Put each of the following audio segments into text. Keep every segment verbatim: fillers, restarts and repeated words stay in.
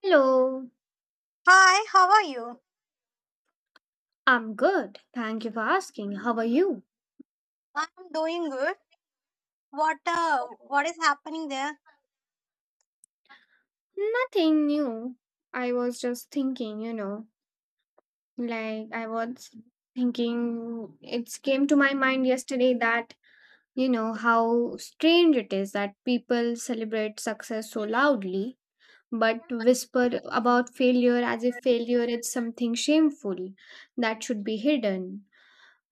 Hello, Hi, how are you? I'm good. Thank you for asking. How are you? I'm doing good. What uh, what is happening there? Nothing new. I was just thinking, you know, like I was thinking, it came to my mind yesterday that, you know, how strange it is that people celebrate success so loudly, but whisper about failure as if failure is something shameful that should be hidden.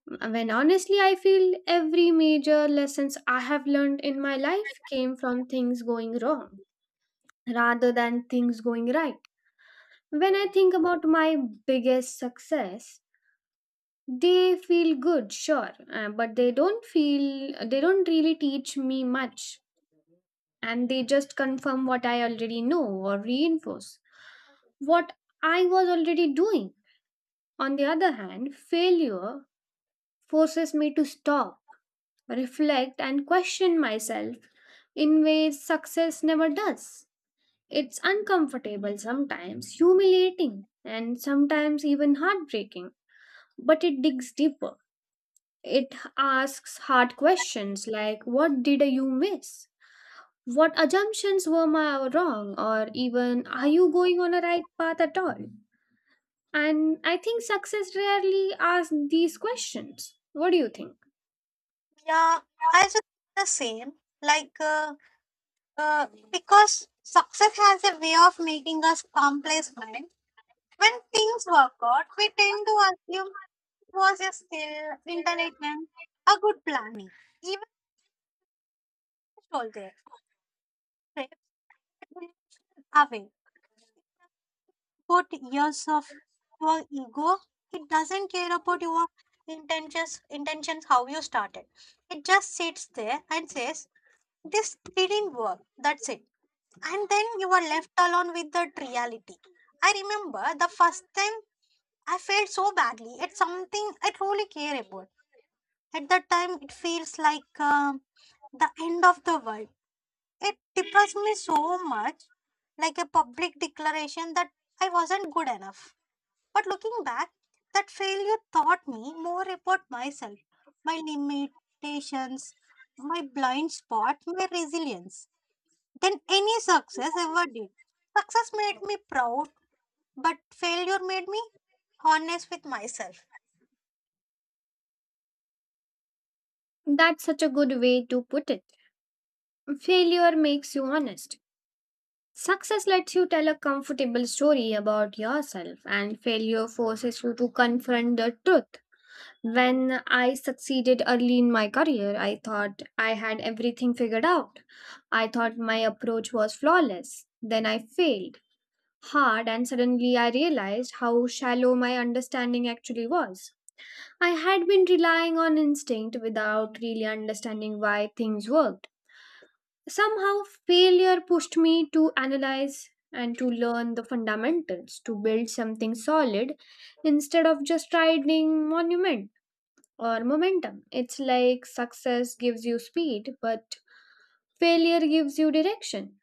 When honestly, I feel every major lessons I have learned in my life came from things going wrong rather than things going right. When I think about my biggest success, they feel good, sure, uh, but they don't feel, they don't really teach me much. And they just confirm what I already know or reinforce what I was already doing. On the other hand, failure forces me to stop reflect, and question myself in ways success never does. It's uncomfortable sometimes, humiliating, and sometimes even heartbreaking, but it digs deeper. It asks hard questions like, what did you miss? What assumptions were my wrong? Or even, are you going on a right path at all? And I think success rarely asks these questions. What do you think? Yeah, I just the same. Like uh, uh, because success has a way of making us complacent. When things work out, we tend to assume it was a still intelligent, a good planning, even soldier away. Put years of your ego, it doesn't care about your intentions intentions, how you started. It just sits there and says this didn't work, that's it. And then you are left alone with that reality. I remember the first time I felt so badly it's something I truly care about. At that time it feels like um, the end of the world. It depressed me so much, like a public declaration that I wasn't good enough. But looking back, that failure taught me more about myself, my limitations, my blind spot, my resilience than any success ever did. Success made me proud, but failure made me honest with myself. That's such a good way to put it. Failure makes you honest. Success lets you tell a comfortable story about yourself, and failure forces you to confront the truth. When I succeeded early in my career, I thought I had everything figured out. I thought my approach was flawless. Then I failed hard, and suddenly I realized how shallow my understanding actually was. I had been relying on instinct without really understanding why things worked. Somehow, failure pushed me to analyze and to learn the fundamentals, to build something solid instead of just riding monument or momentum. It's like success gives you speed, but failure gives you direction.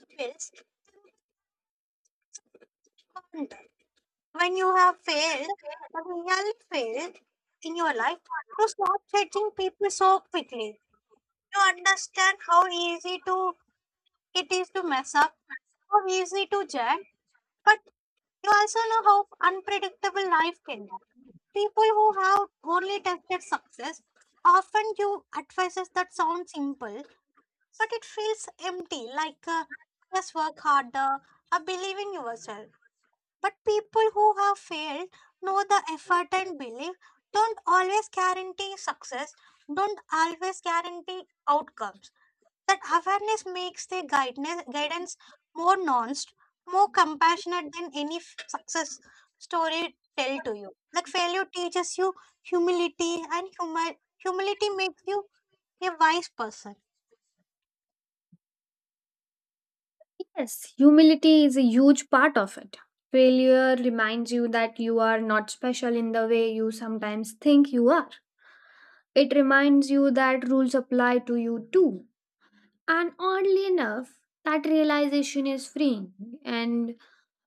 It feels harder. When you have failed, when you really failed in your life, you stop judging people so quickly. You understand how easy to it is to mess up, how easy to judge, but you also know how unpredictable life can be. People who have only tested success often give advices that sound simple, but it feels empty, like uh, just work harder or believe in yourself. But people who have failed know the effort and belief don't always guarantee success, don't always guarantee outcomes. That awareness makes the guidance, guidance more nuanced, more compassionate than any f- success story tell to you. Like failure teaches you humility, and humi- humility makes you a wise person. Yes, humility is a huge part of it. Failure reminds you that you are not special in the way you sometimes think you are. It reminds you that rules apply to you too. And oddly enough, that realization is freeing. And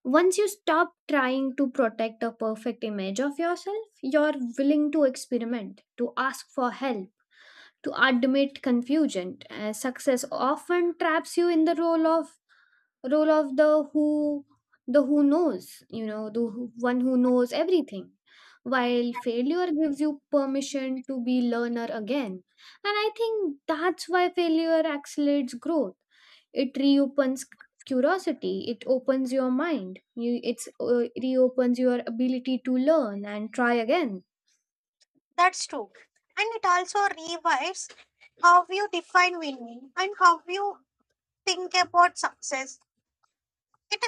once you stop trying to protect a perfect image of yourself, you're willing to experiment, to ask for help, to admit confusion. Uh, success often traps you in the role of role of the who the who knows you know the who- one who knows everything, while failure gives you permission to be learner again. And I think that's why failure accelerates growth. It reopens c- curiosity, it opens your mind, you it's uh, reopens your ability to learn and try again. That's true. And it also revives how you define winning and how you think about success. It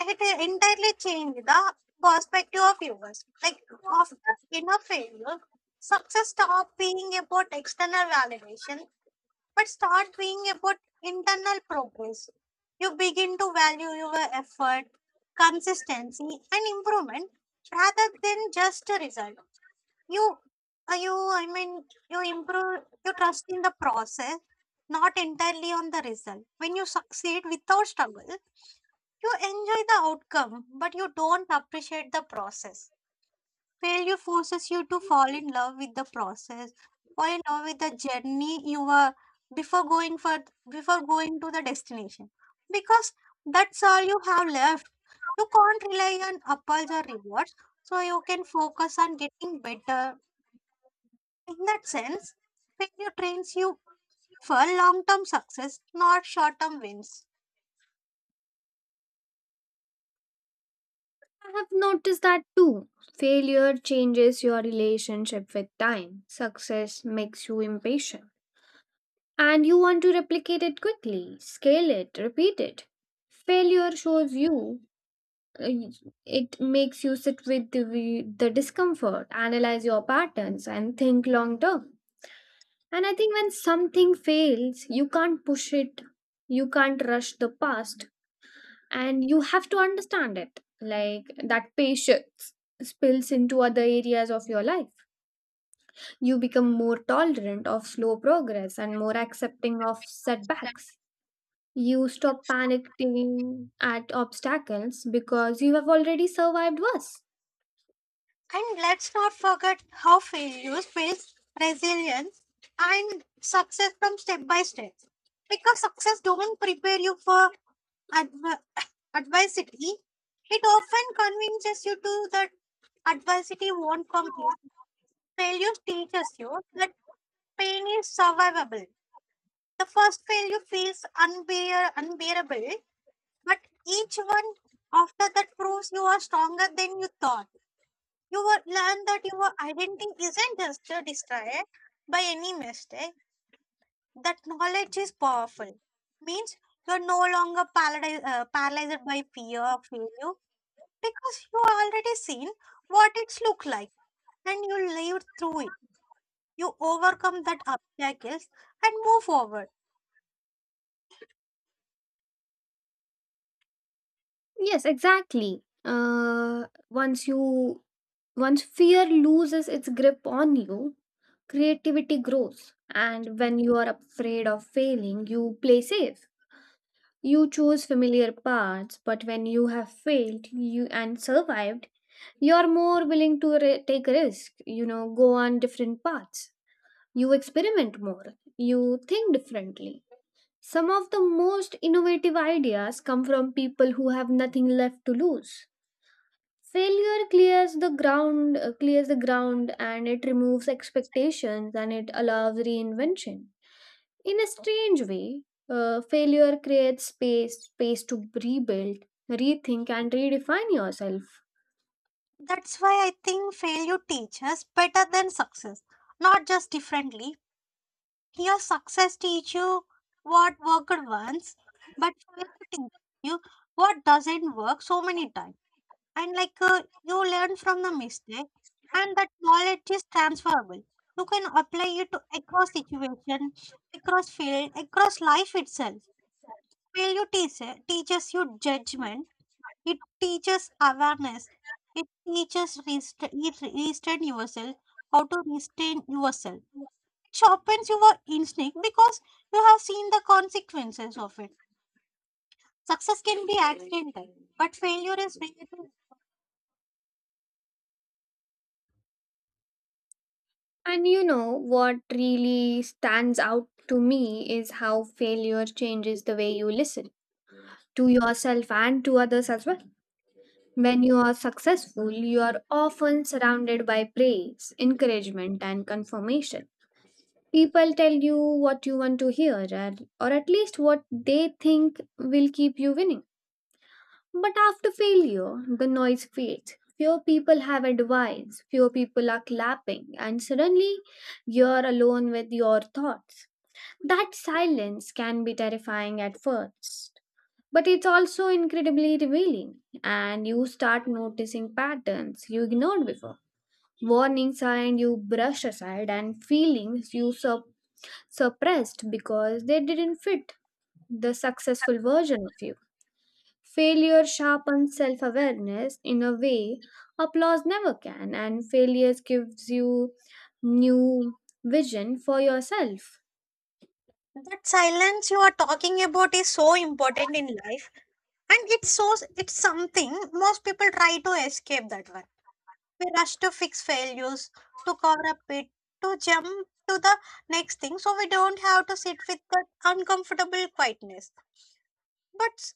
it entirely changed the perspective of viewers. Like after inner failure, success stopped being about external validation, but start being about internal progress. You begin to value your effort, consistency, and improvement rather than just a result. You, uh, you, I mean, you improve. You trust in the process, not entirely on the result. When you succeed without struggle, you enjoy the outcome, but you don't appreciate the process. Failure forces you to fall in love with the process, fall in love with the journey you were before going for before going to the destination. Because that's all you have left. You can't rely on apples or rewards, so you can focus on getting better. In that sense, failure trains you for long-term success, not short-term wins. I have noticed that too. Failure changes your relationship with time. Success makes you impatient. And you want to replicate it quickly, scale it, repeat it. Failure shows you, uh, it makes you sit with the, the discomfort, analyze your patterns, and think long term. And I think when something fails, you can't push it, you can't rush the past, and you have to understand it. Like that patience spills into other areas of your life. You become more tolerant of slow progress and more accepting of setbacks. You stop panicking at obstacles because you have already survived worse. And let's not forget how failures builds resilience and success from step by step. Because success don't prepare you for adver- adversity, it often convinces you to that adversity won't come easy. Failure teaches you that pain is survivable. The first failure feels unbear- unbearable, but each one after that proves you are stronger than you thought. You will learn that your identity isn't just uh, destroyed by any mistake. That knowledge is powerful. Means you're no longer paralyzed, uh, paralyzed by fear of failure because you already seen what it's look like and you lived through it. You overcome that obstacles and move forward. Yes, exactly. Uh, once you once fear loses its grip on you, creativity grows. And when you are afraid of failing, you play safe. You choose familiar paths, but when you have failed you and survived, you're more willing to ri- take risk, you know, go on different paths. You experiment more, you think differently. Some of the most innovative ideas come from people who have nothing left to lose. Failure clears the ground, uh, clears the ground and it removes expectations and it allows reinvention. In a strange way, uh, failure creates space, space to rebuild, rethink and redefine yourself. That's why I think failure teaches better than success, not just differently. Your success teach you what worked once, but failure teach you what doesn't work so many times. And like uh, you learn from the mistake, and that knowledge is transferable. You can apply it to across situation, across field, across life itself. Failure teach, teaches you judgment. It teaches awareness. It teaches rest- it restrain yourself, how to restrain yourself. It sharpens your instinct because you have seen the consequences of it. Success can be accidental, but failure is rare. And you know what really stands out to me is how failure changes the way you listen to yourself and to others as well. When you are successful, you are often surrounded by praise, encouragement, and confirmation. People tell you what you want to hear, or, or at least what they think will keep you winning. But after failure, the noise fades. Fewer people have advice, fewer people are clapping, and suddenly you're alone with your thoughts. That silence can be terrifying at first, but it's also incredibly revealing, and you start noticing patterns you ignored before. Warnings and you brushed aside, and feelings you sup- suppressed because they didn't fit the successful version of you. Failure sharpens self awareness in a way applause never can, and failures gives you new vision for yourself. That silence you are talking about is so important in life, and it's so it's something most people try to escape that one. We rush to fix failures, to cover up it, to jump to the next thing, so we don't have to sit with that uncomfortable quietness. But s-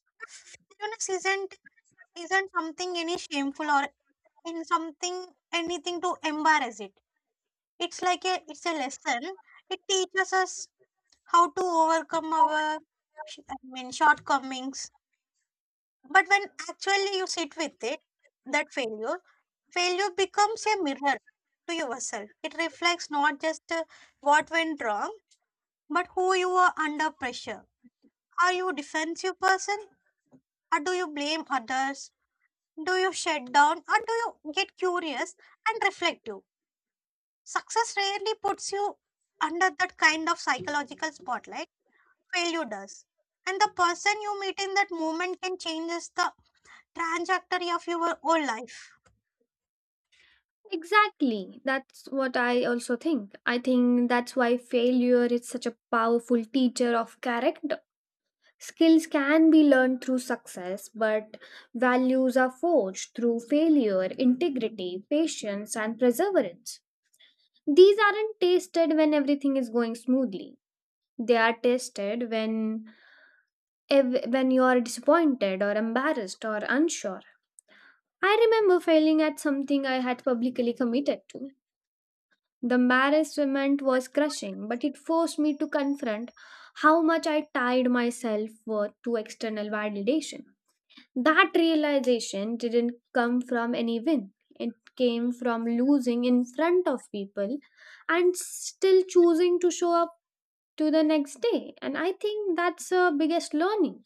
Fairness isn't isn't something any shameful or and something anything to embarrass it. It's like a it's a lesson. It teaches us how to overcome our sh- i mean shortcomings. But when actually you sit with it, that failure failure becomes a mirror to yourself. It reflects not just uh, what went wrong, but who you are under pressure. Are you a defensive person or do you blame others? Do you shut down or do you get curious and reflective? Success rarely puts you under that kind of psychological spotlight, failure does. And the person you meet in that moment can change the trajectory of your whole life. Exactly. That's what I also think. I think that's why failure is such a powerful teacher of character. Skills can be learned through success, but values are forged through failure, integrity, patience, and perseverance. These aren't tested when everything is going smoothly. They are tested when ev- when you are disappointed or embarrassed or unsure. I remember failing at something I had publicly committed to. The embarrassment was crushing, but it forced me to confront how much I tied myself worth to external validation. That realization didn't come from any win. It came from losing in front of people and still choosing to show up to the next day. And I think that's the biggest learning.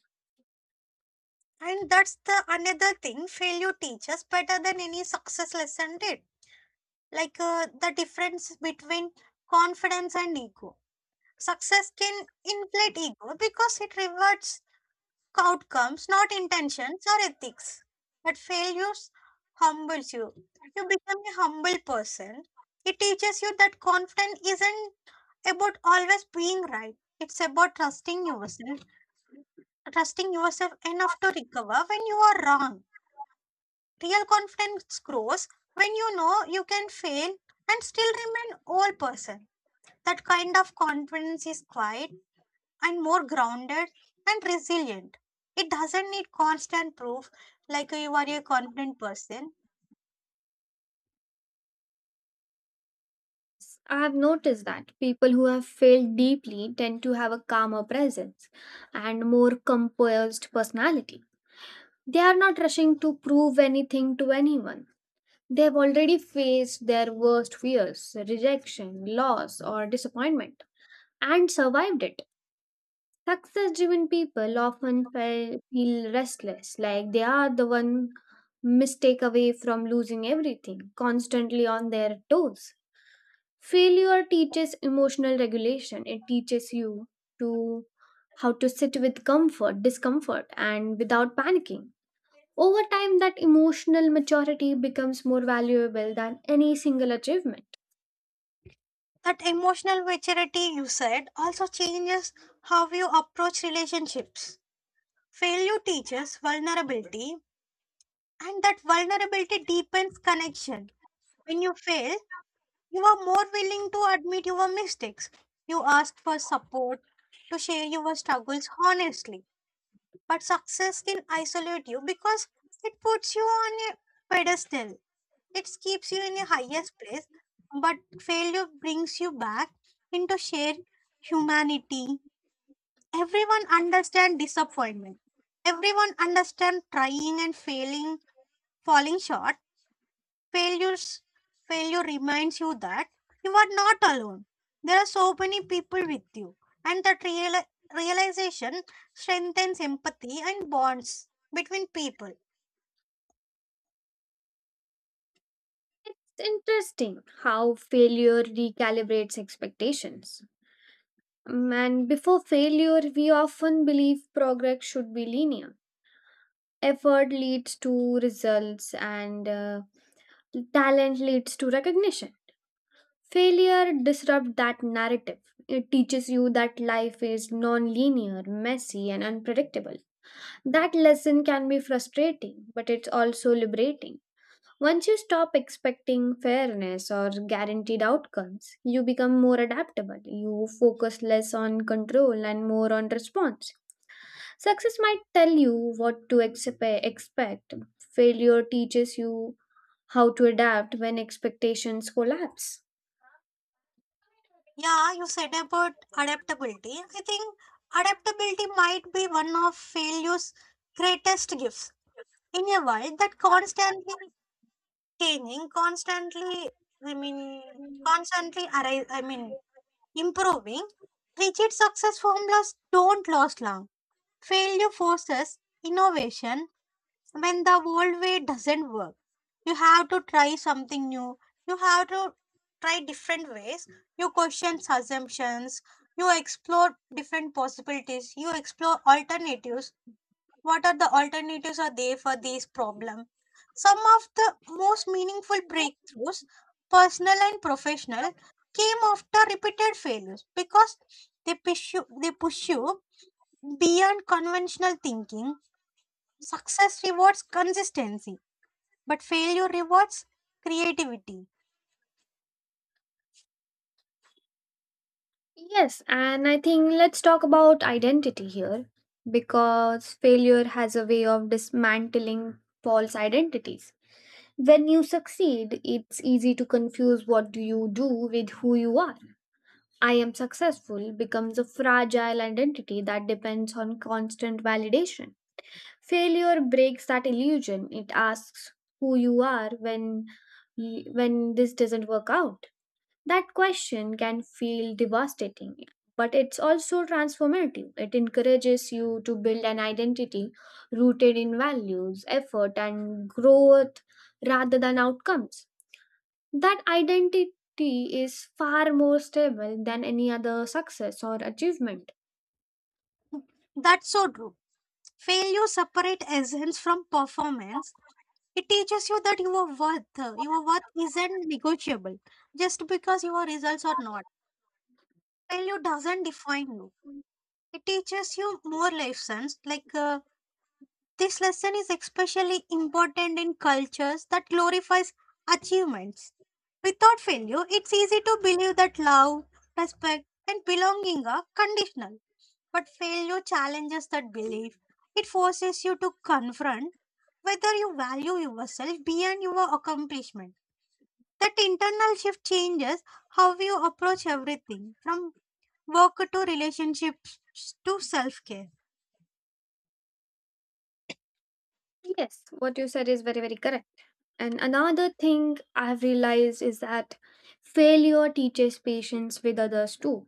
And that's the another thing failure teaches better than any success lesson did. Like uh, the difference between confidence and ego. Success can inflate ego because it rewards outcomes, not intentions or ethics. But failures humbles you. You become a humble person. It teaches you that confidence isn't about always being right. It's about trusting yourself, trusting yourself enough to recover when you are wrong. Real confidence grows when you know you can fail and still remain whole person. That kind of confidence is quiet and more grounded and resilient. It doesn't need constant proof like you are a confident person. I have noticed that people who have failed deeply tend to have a calmer presence and more composed personality. They are not rushing to prove anything to anyone. They have already faced their worst fears, rejection, loss, or disappointment, and survived it. Success driven people often fe- feel restless, like they are the one mistake away from losing everything, constantly on their toes. Failure teaches emotional regulation, it teaches you to how to sit with comfort, discomfort, and without panicking. Over time, that emotional maturity becomes more valuable than any single achievement. That emotional maturity you said also changes how you approach relationships. Failure teaches vulnerability, and that vulnerability deepens connection. When you fail, you are more willing to admit your mistakes. You ask for support to share your struggles honestly. But success can isolate you because it puts you on a pedestal. It keeps you in a highest place, but failure brings you back into shared humanity. Everyone understands disappointment. Everyone understands trying and failing, falling short. Failures, Failure reminds you that you are not alone. There are so many people with you, and that real, realization strengthens empathy and bonds between people. It's interesting how failure recalibrates expectations. Um, And before failure, we often believe progress should be linear. Effort leads to results, and uh, talent leads to recognition. Failure disrupts that narrative. It teaches you that life is non linear, messy, and unpredictable. That lesson can be frustrating, but it's also liberating. Once you stop expecting fairness or guaranteed outcomes, you become more adaptable. You focus less on control and more on response. Success might tell you what to expe- expect, failure teaches you how to adapt when expectations collapse. Yeah, you said about adaptability. I think adaptability might be one of failure's greatest gifts. In a world that constantly changing, constantly, I mean, constantly, arri- I mean, improving, rigid success formulas don't last long. Failure forces innovation when the old way doesn't work. You have to try something new. You have to try different ways. You question assumptions. You explore different possibilities. You explore alternatives. What are the alternatives are there for this problem? Some of the most meaningful breakthroughs, personal and professional, came after repeated failures because they push you, they push you beyond conventional thinking. Success rewards consistency, but failure rewards creativity. Yes, and I think let's talk about identity here because failure has a way of dismantling false identities. When you succeed, it's easy to confuse what do you do with who you are. I am successful becomes a fragile identity that depends on constant validation. Failure breaks that illusion. It asks who you are when y- when this doesn't work out. That question can feel devastating, but it's also transformative. It encourages you to build an identity rooted in values, effort and growth rather than outcomes. That identity is far more stable than any other success or achievement. That's so true. Failure separates essence from performance. It teaches you that your worth, uh, your worth isn't negotiable just because your results are not. Failure doesn't define you. It teaches you more lessons like uh, This lesson is especially important in cultures that glorifies achievements. Without failure, it's easy to believe that love, respect, and belonging are conditional. But failure challenges that belief. It forces you to confront whether you value yourself beyond your accomplishment. That internal shift changes how you approach everything from work to relationships to self care. Yes, what you said is very, very correct. And another thing I've realized is that failure teaches patience with others too.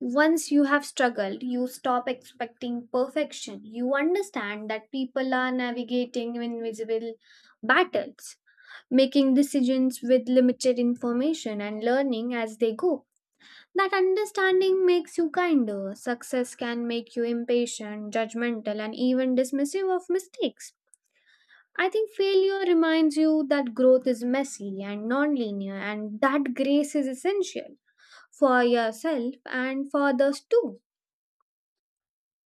Once you have struggled, you stop expecting perfection. You understand that people are navigating invisible battles, making decisions with limited information, and learning as they go. That understanding makes you kinder. Success can make you impatient, judgmental, and even dismissive of mistakes. I think failure reminds you that growth is messy and non-linear, and that grace is essential for yourself and for others too.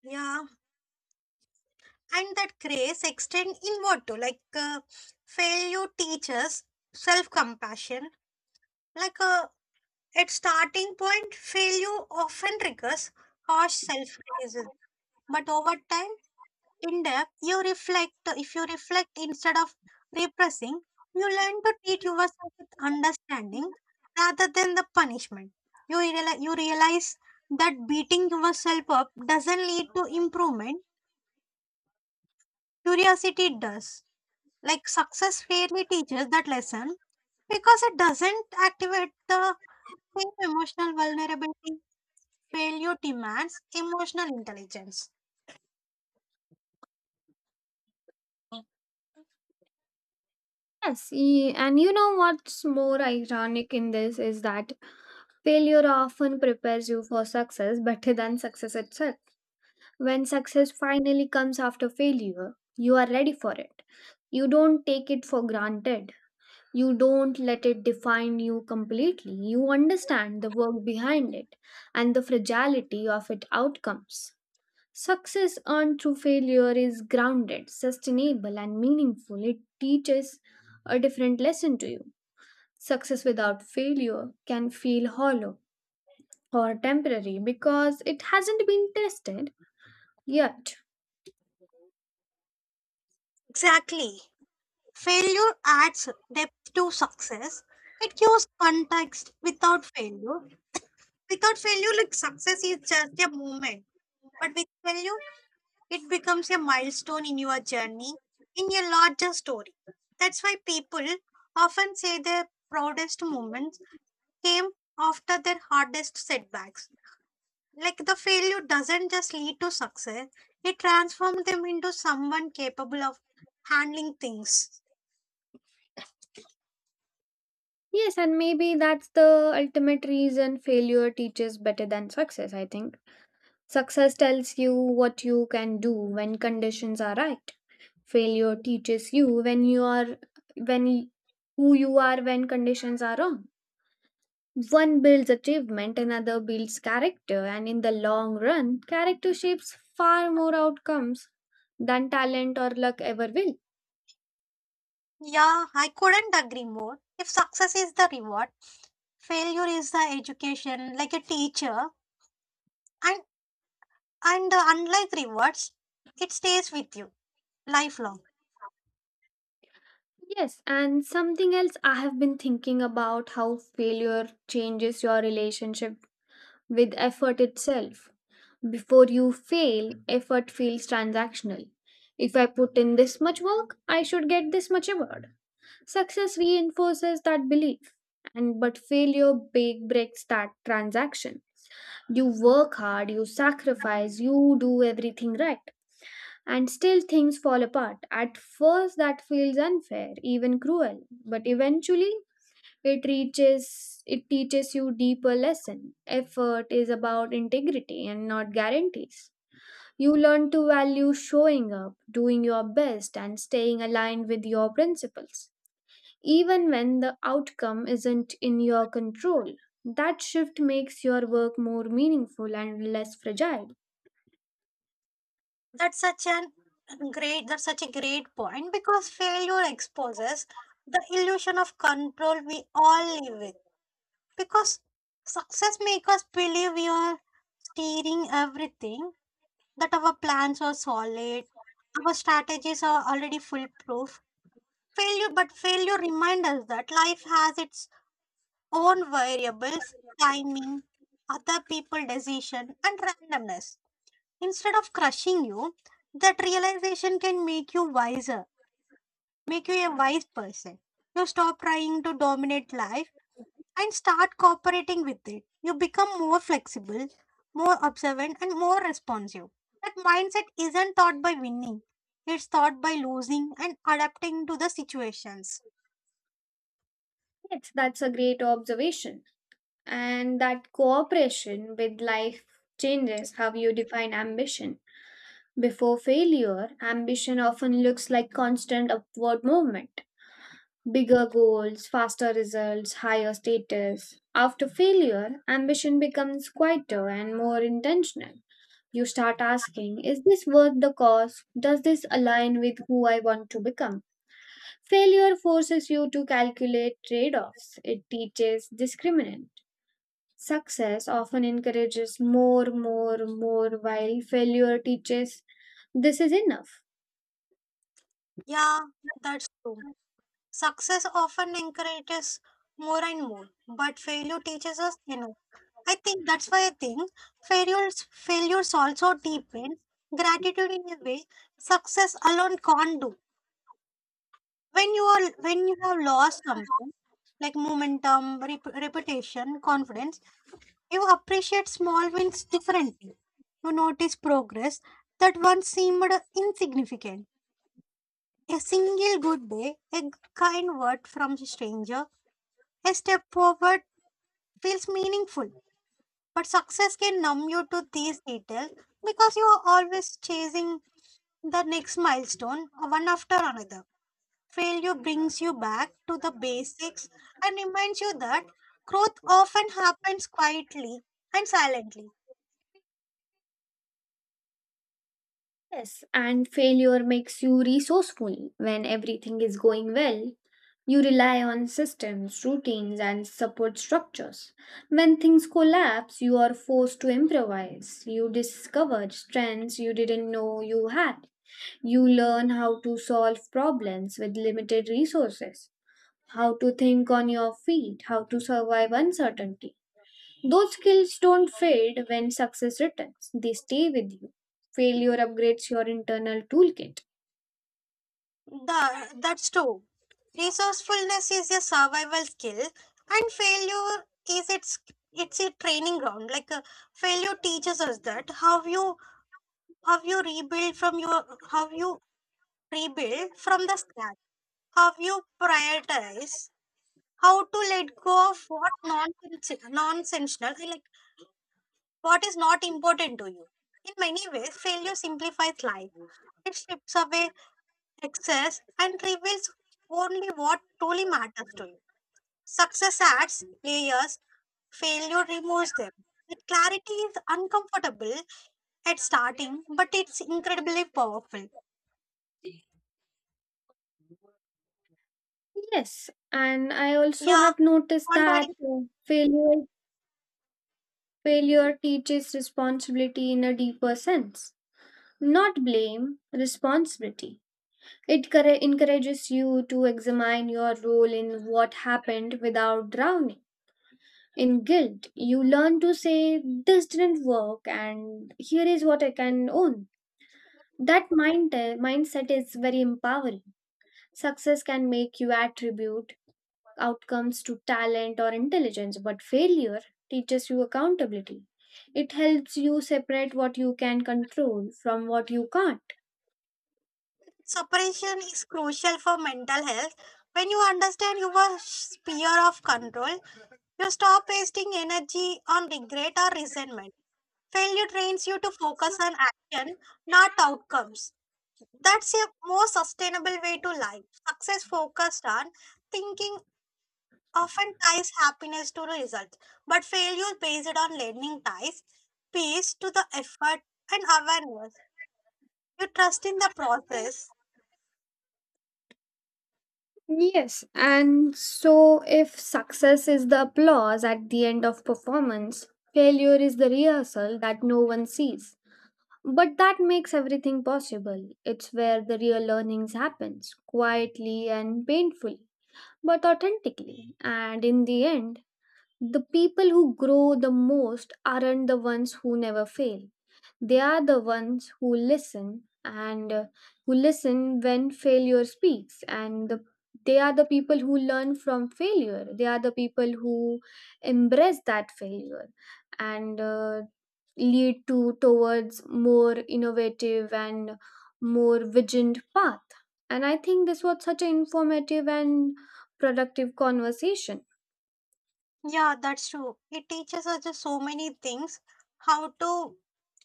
Yeah. And that grace extend inward too, like uh, failure teaches self-compassion. like uh, at starting point, failure often triggers harsh self-criticism, but over time in depth you reflect. If you reflect instead of repressing, you learn to treat yourself with understanding rather than the punishment. You realize, you realize that beating yourself up doesn't lead to improvement, curiosity does. Like success rarely teaches that lesson because it doesn't activate the same emotional vulnerability. Failure demands emotional intelligence. Yes, y- and you know what's more ironic in this is that failure often prepares you for success better than success itself. When success finally comes after failure, you are ready for it. You don't take it for granted. You don't let it define you completely. You understand the work behind it and the fragility of its outcomes. Success earned through failure is grounded, sustainable, and meaningful. It teaches a different lesson to you. Success without failure can feel hollow or temporary because it hasn't been tested yet. Exactly. Failure adds depth to success. It gives context without failure. Without failure, like success is just a moment. But with failure, it becomes a milestone in your journey, in your larger story. That's why people often say their proudest moments came after their hardest setbacks. Like the failure doesn't just lead to success, it transforms them into someone capable of handling things. Yes, and maybe that's the ultimate reason failure teaches better than success, I think. Success tells you what you can do when conditions are right. Failure teaches you when you are when y- who you are when conditions are wrong. One builds achievement, another builds character, and in the long run, character shapes far more outcomes than talent or luck ever will. Yeah, I couldn't agree more. If success is the reward, failure is the education, like a teacher, and and uh, unlike rewards, it stays with you lifelong. Yes, and something else I have been thinking about how failure changes your relationship with effort itself. Before you fail, effort feels transactional. If I put in this much work, I should get this much reward. Success reinforces that belief. And but failure big breaks that transaction. You work hard, you sacrifice, you do everything right, and still things fall apart. At first that feels unfair, even cruel, but eventually it reaches it teaches you deeper lesson. Effort is about integrity and not guarantees. You learn to value showing up, doing your best, and staying aligned with your principles, even when the outcome isn't in your control. That shift makes your work more meaningful and less fragile. That's such an great that's such a great point because failure exposes the illusion of control we all live with. Because success makes us believe we are steering everything, that our plans are solid, our strategies are already foolproof. Failure, but failure reminds us that life has its own variables, timing, other people decision, and randomness. Instead of crushing you, that realization can make you wiser, make you a wise person. You stop trying to dominate life and start cooperating with it. You become more flexible, more observant, and more responsive. That mindset isn't taught by winning, it's taught by losing and adapting to the situations. Yes, that's a great observation. And that cooperation with life changes how you define ambition. Before failure, ambition often looks like constant upward movement. Bigger goals, faster results, higher status. After failure, ambition becomes quieter and more intentional. You start asking, is this worth the cost? Does this align with who I want to become? Failure forces you to calculate trade offs, it teaches discriminant. Success often encourages more, more, more, while failure teaches this is enough. Yeah, that's true. Success often encourages more and more, but failure teaches us enough. I think that's why I think failures failures also deepen gratitude in a way success alone can't do. When you are when you have lost something like momentum, rep- reputation, confidence, you appreciate small wins differently. You notice progress that once seemed insignificant. A single good day, a kind word from a stranger, a step forward feels meaningful. But success can numb you to these details because you are always chasing the next milestone one after another. Failure brings you back to the basics and reminds you that growth often happens quietly and silently. Yes, and failure makes you resourceful. When everything is going well, you rely on systems, routines, and support structures. When things collapse, you are forced to improvise. You discover strengths you didn't know you had. You learn how to solve problems with limited resources, how to think on your feet, how to survive uncertainty. Those skills don't fade when success returns, they stay with you. Failure upgrades your internal toolkit. The, that's true. Resourcefulness is a survival skill, and failure is its it's a training ground. Like uh, failure teaches us that how you how you rebuild from your how you rebuild from the scratch, how you prioritize, how to let go of what nonsense nonsensical, like what is not important to you. In many ways, failure simplifies life. It strips away excess and reveals only what truly matters to you. Success adds layers, failure removes them. That clarity is uncomfortable at starting, but it's incredibly powerful. Yes, and I also Yeah, have noticed that contrary uh, failure failure teaches responsibility in a deeper sense. Not blame, responsibility. It corre- encourages you to examine your role in what happened without drowning in guilt. You learn to say, this didn't work, and here is what I can own. That mind, mindset is very empowering. Success can make you attribute outcomes to talent or intelligence, but failure teaches you accountability. It helps you separate what you can control from what you can't. separation is crucial for mental health. When you understand your sphere of control, you stop wasting energy on regret or resentment. Failure trains you to focus on action, not outcomes. That's a more sustainable way to life. Success focused on thinking often ties happiness to results, but failure based on learning ties peace to the effort and awareness. You trust in the process. Yes, and so if success is the applause at the end of performance, failure is the rehearsal that no one sees. But that makes everything possible. It's where the real learnings happens, quietly and painfully, but authentically. And in the end, the people who grow the most aren't the ones who never fail. They are the ones who listen and uh, who listen when failure speaks. And the, they are the people who learn from failure. They are the people who embrace that failure. And uh, lead to towards more innovative and more vigilant path. And I think this was such an informative and productive conversation. Yeah, that's true. It teaches us just so many things how to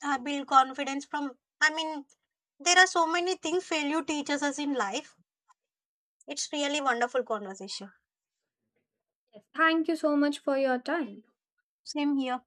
uh, build confidence from. I mean, there are so many things failure teaches us in life. It's really wonderful conversation. Thank you so much for your time. Same here.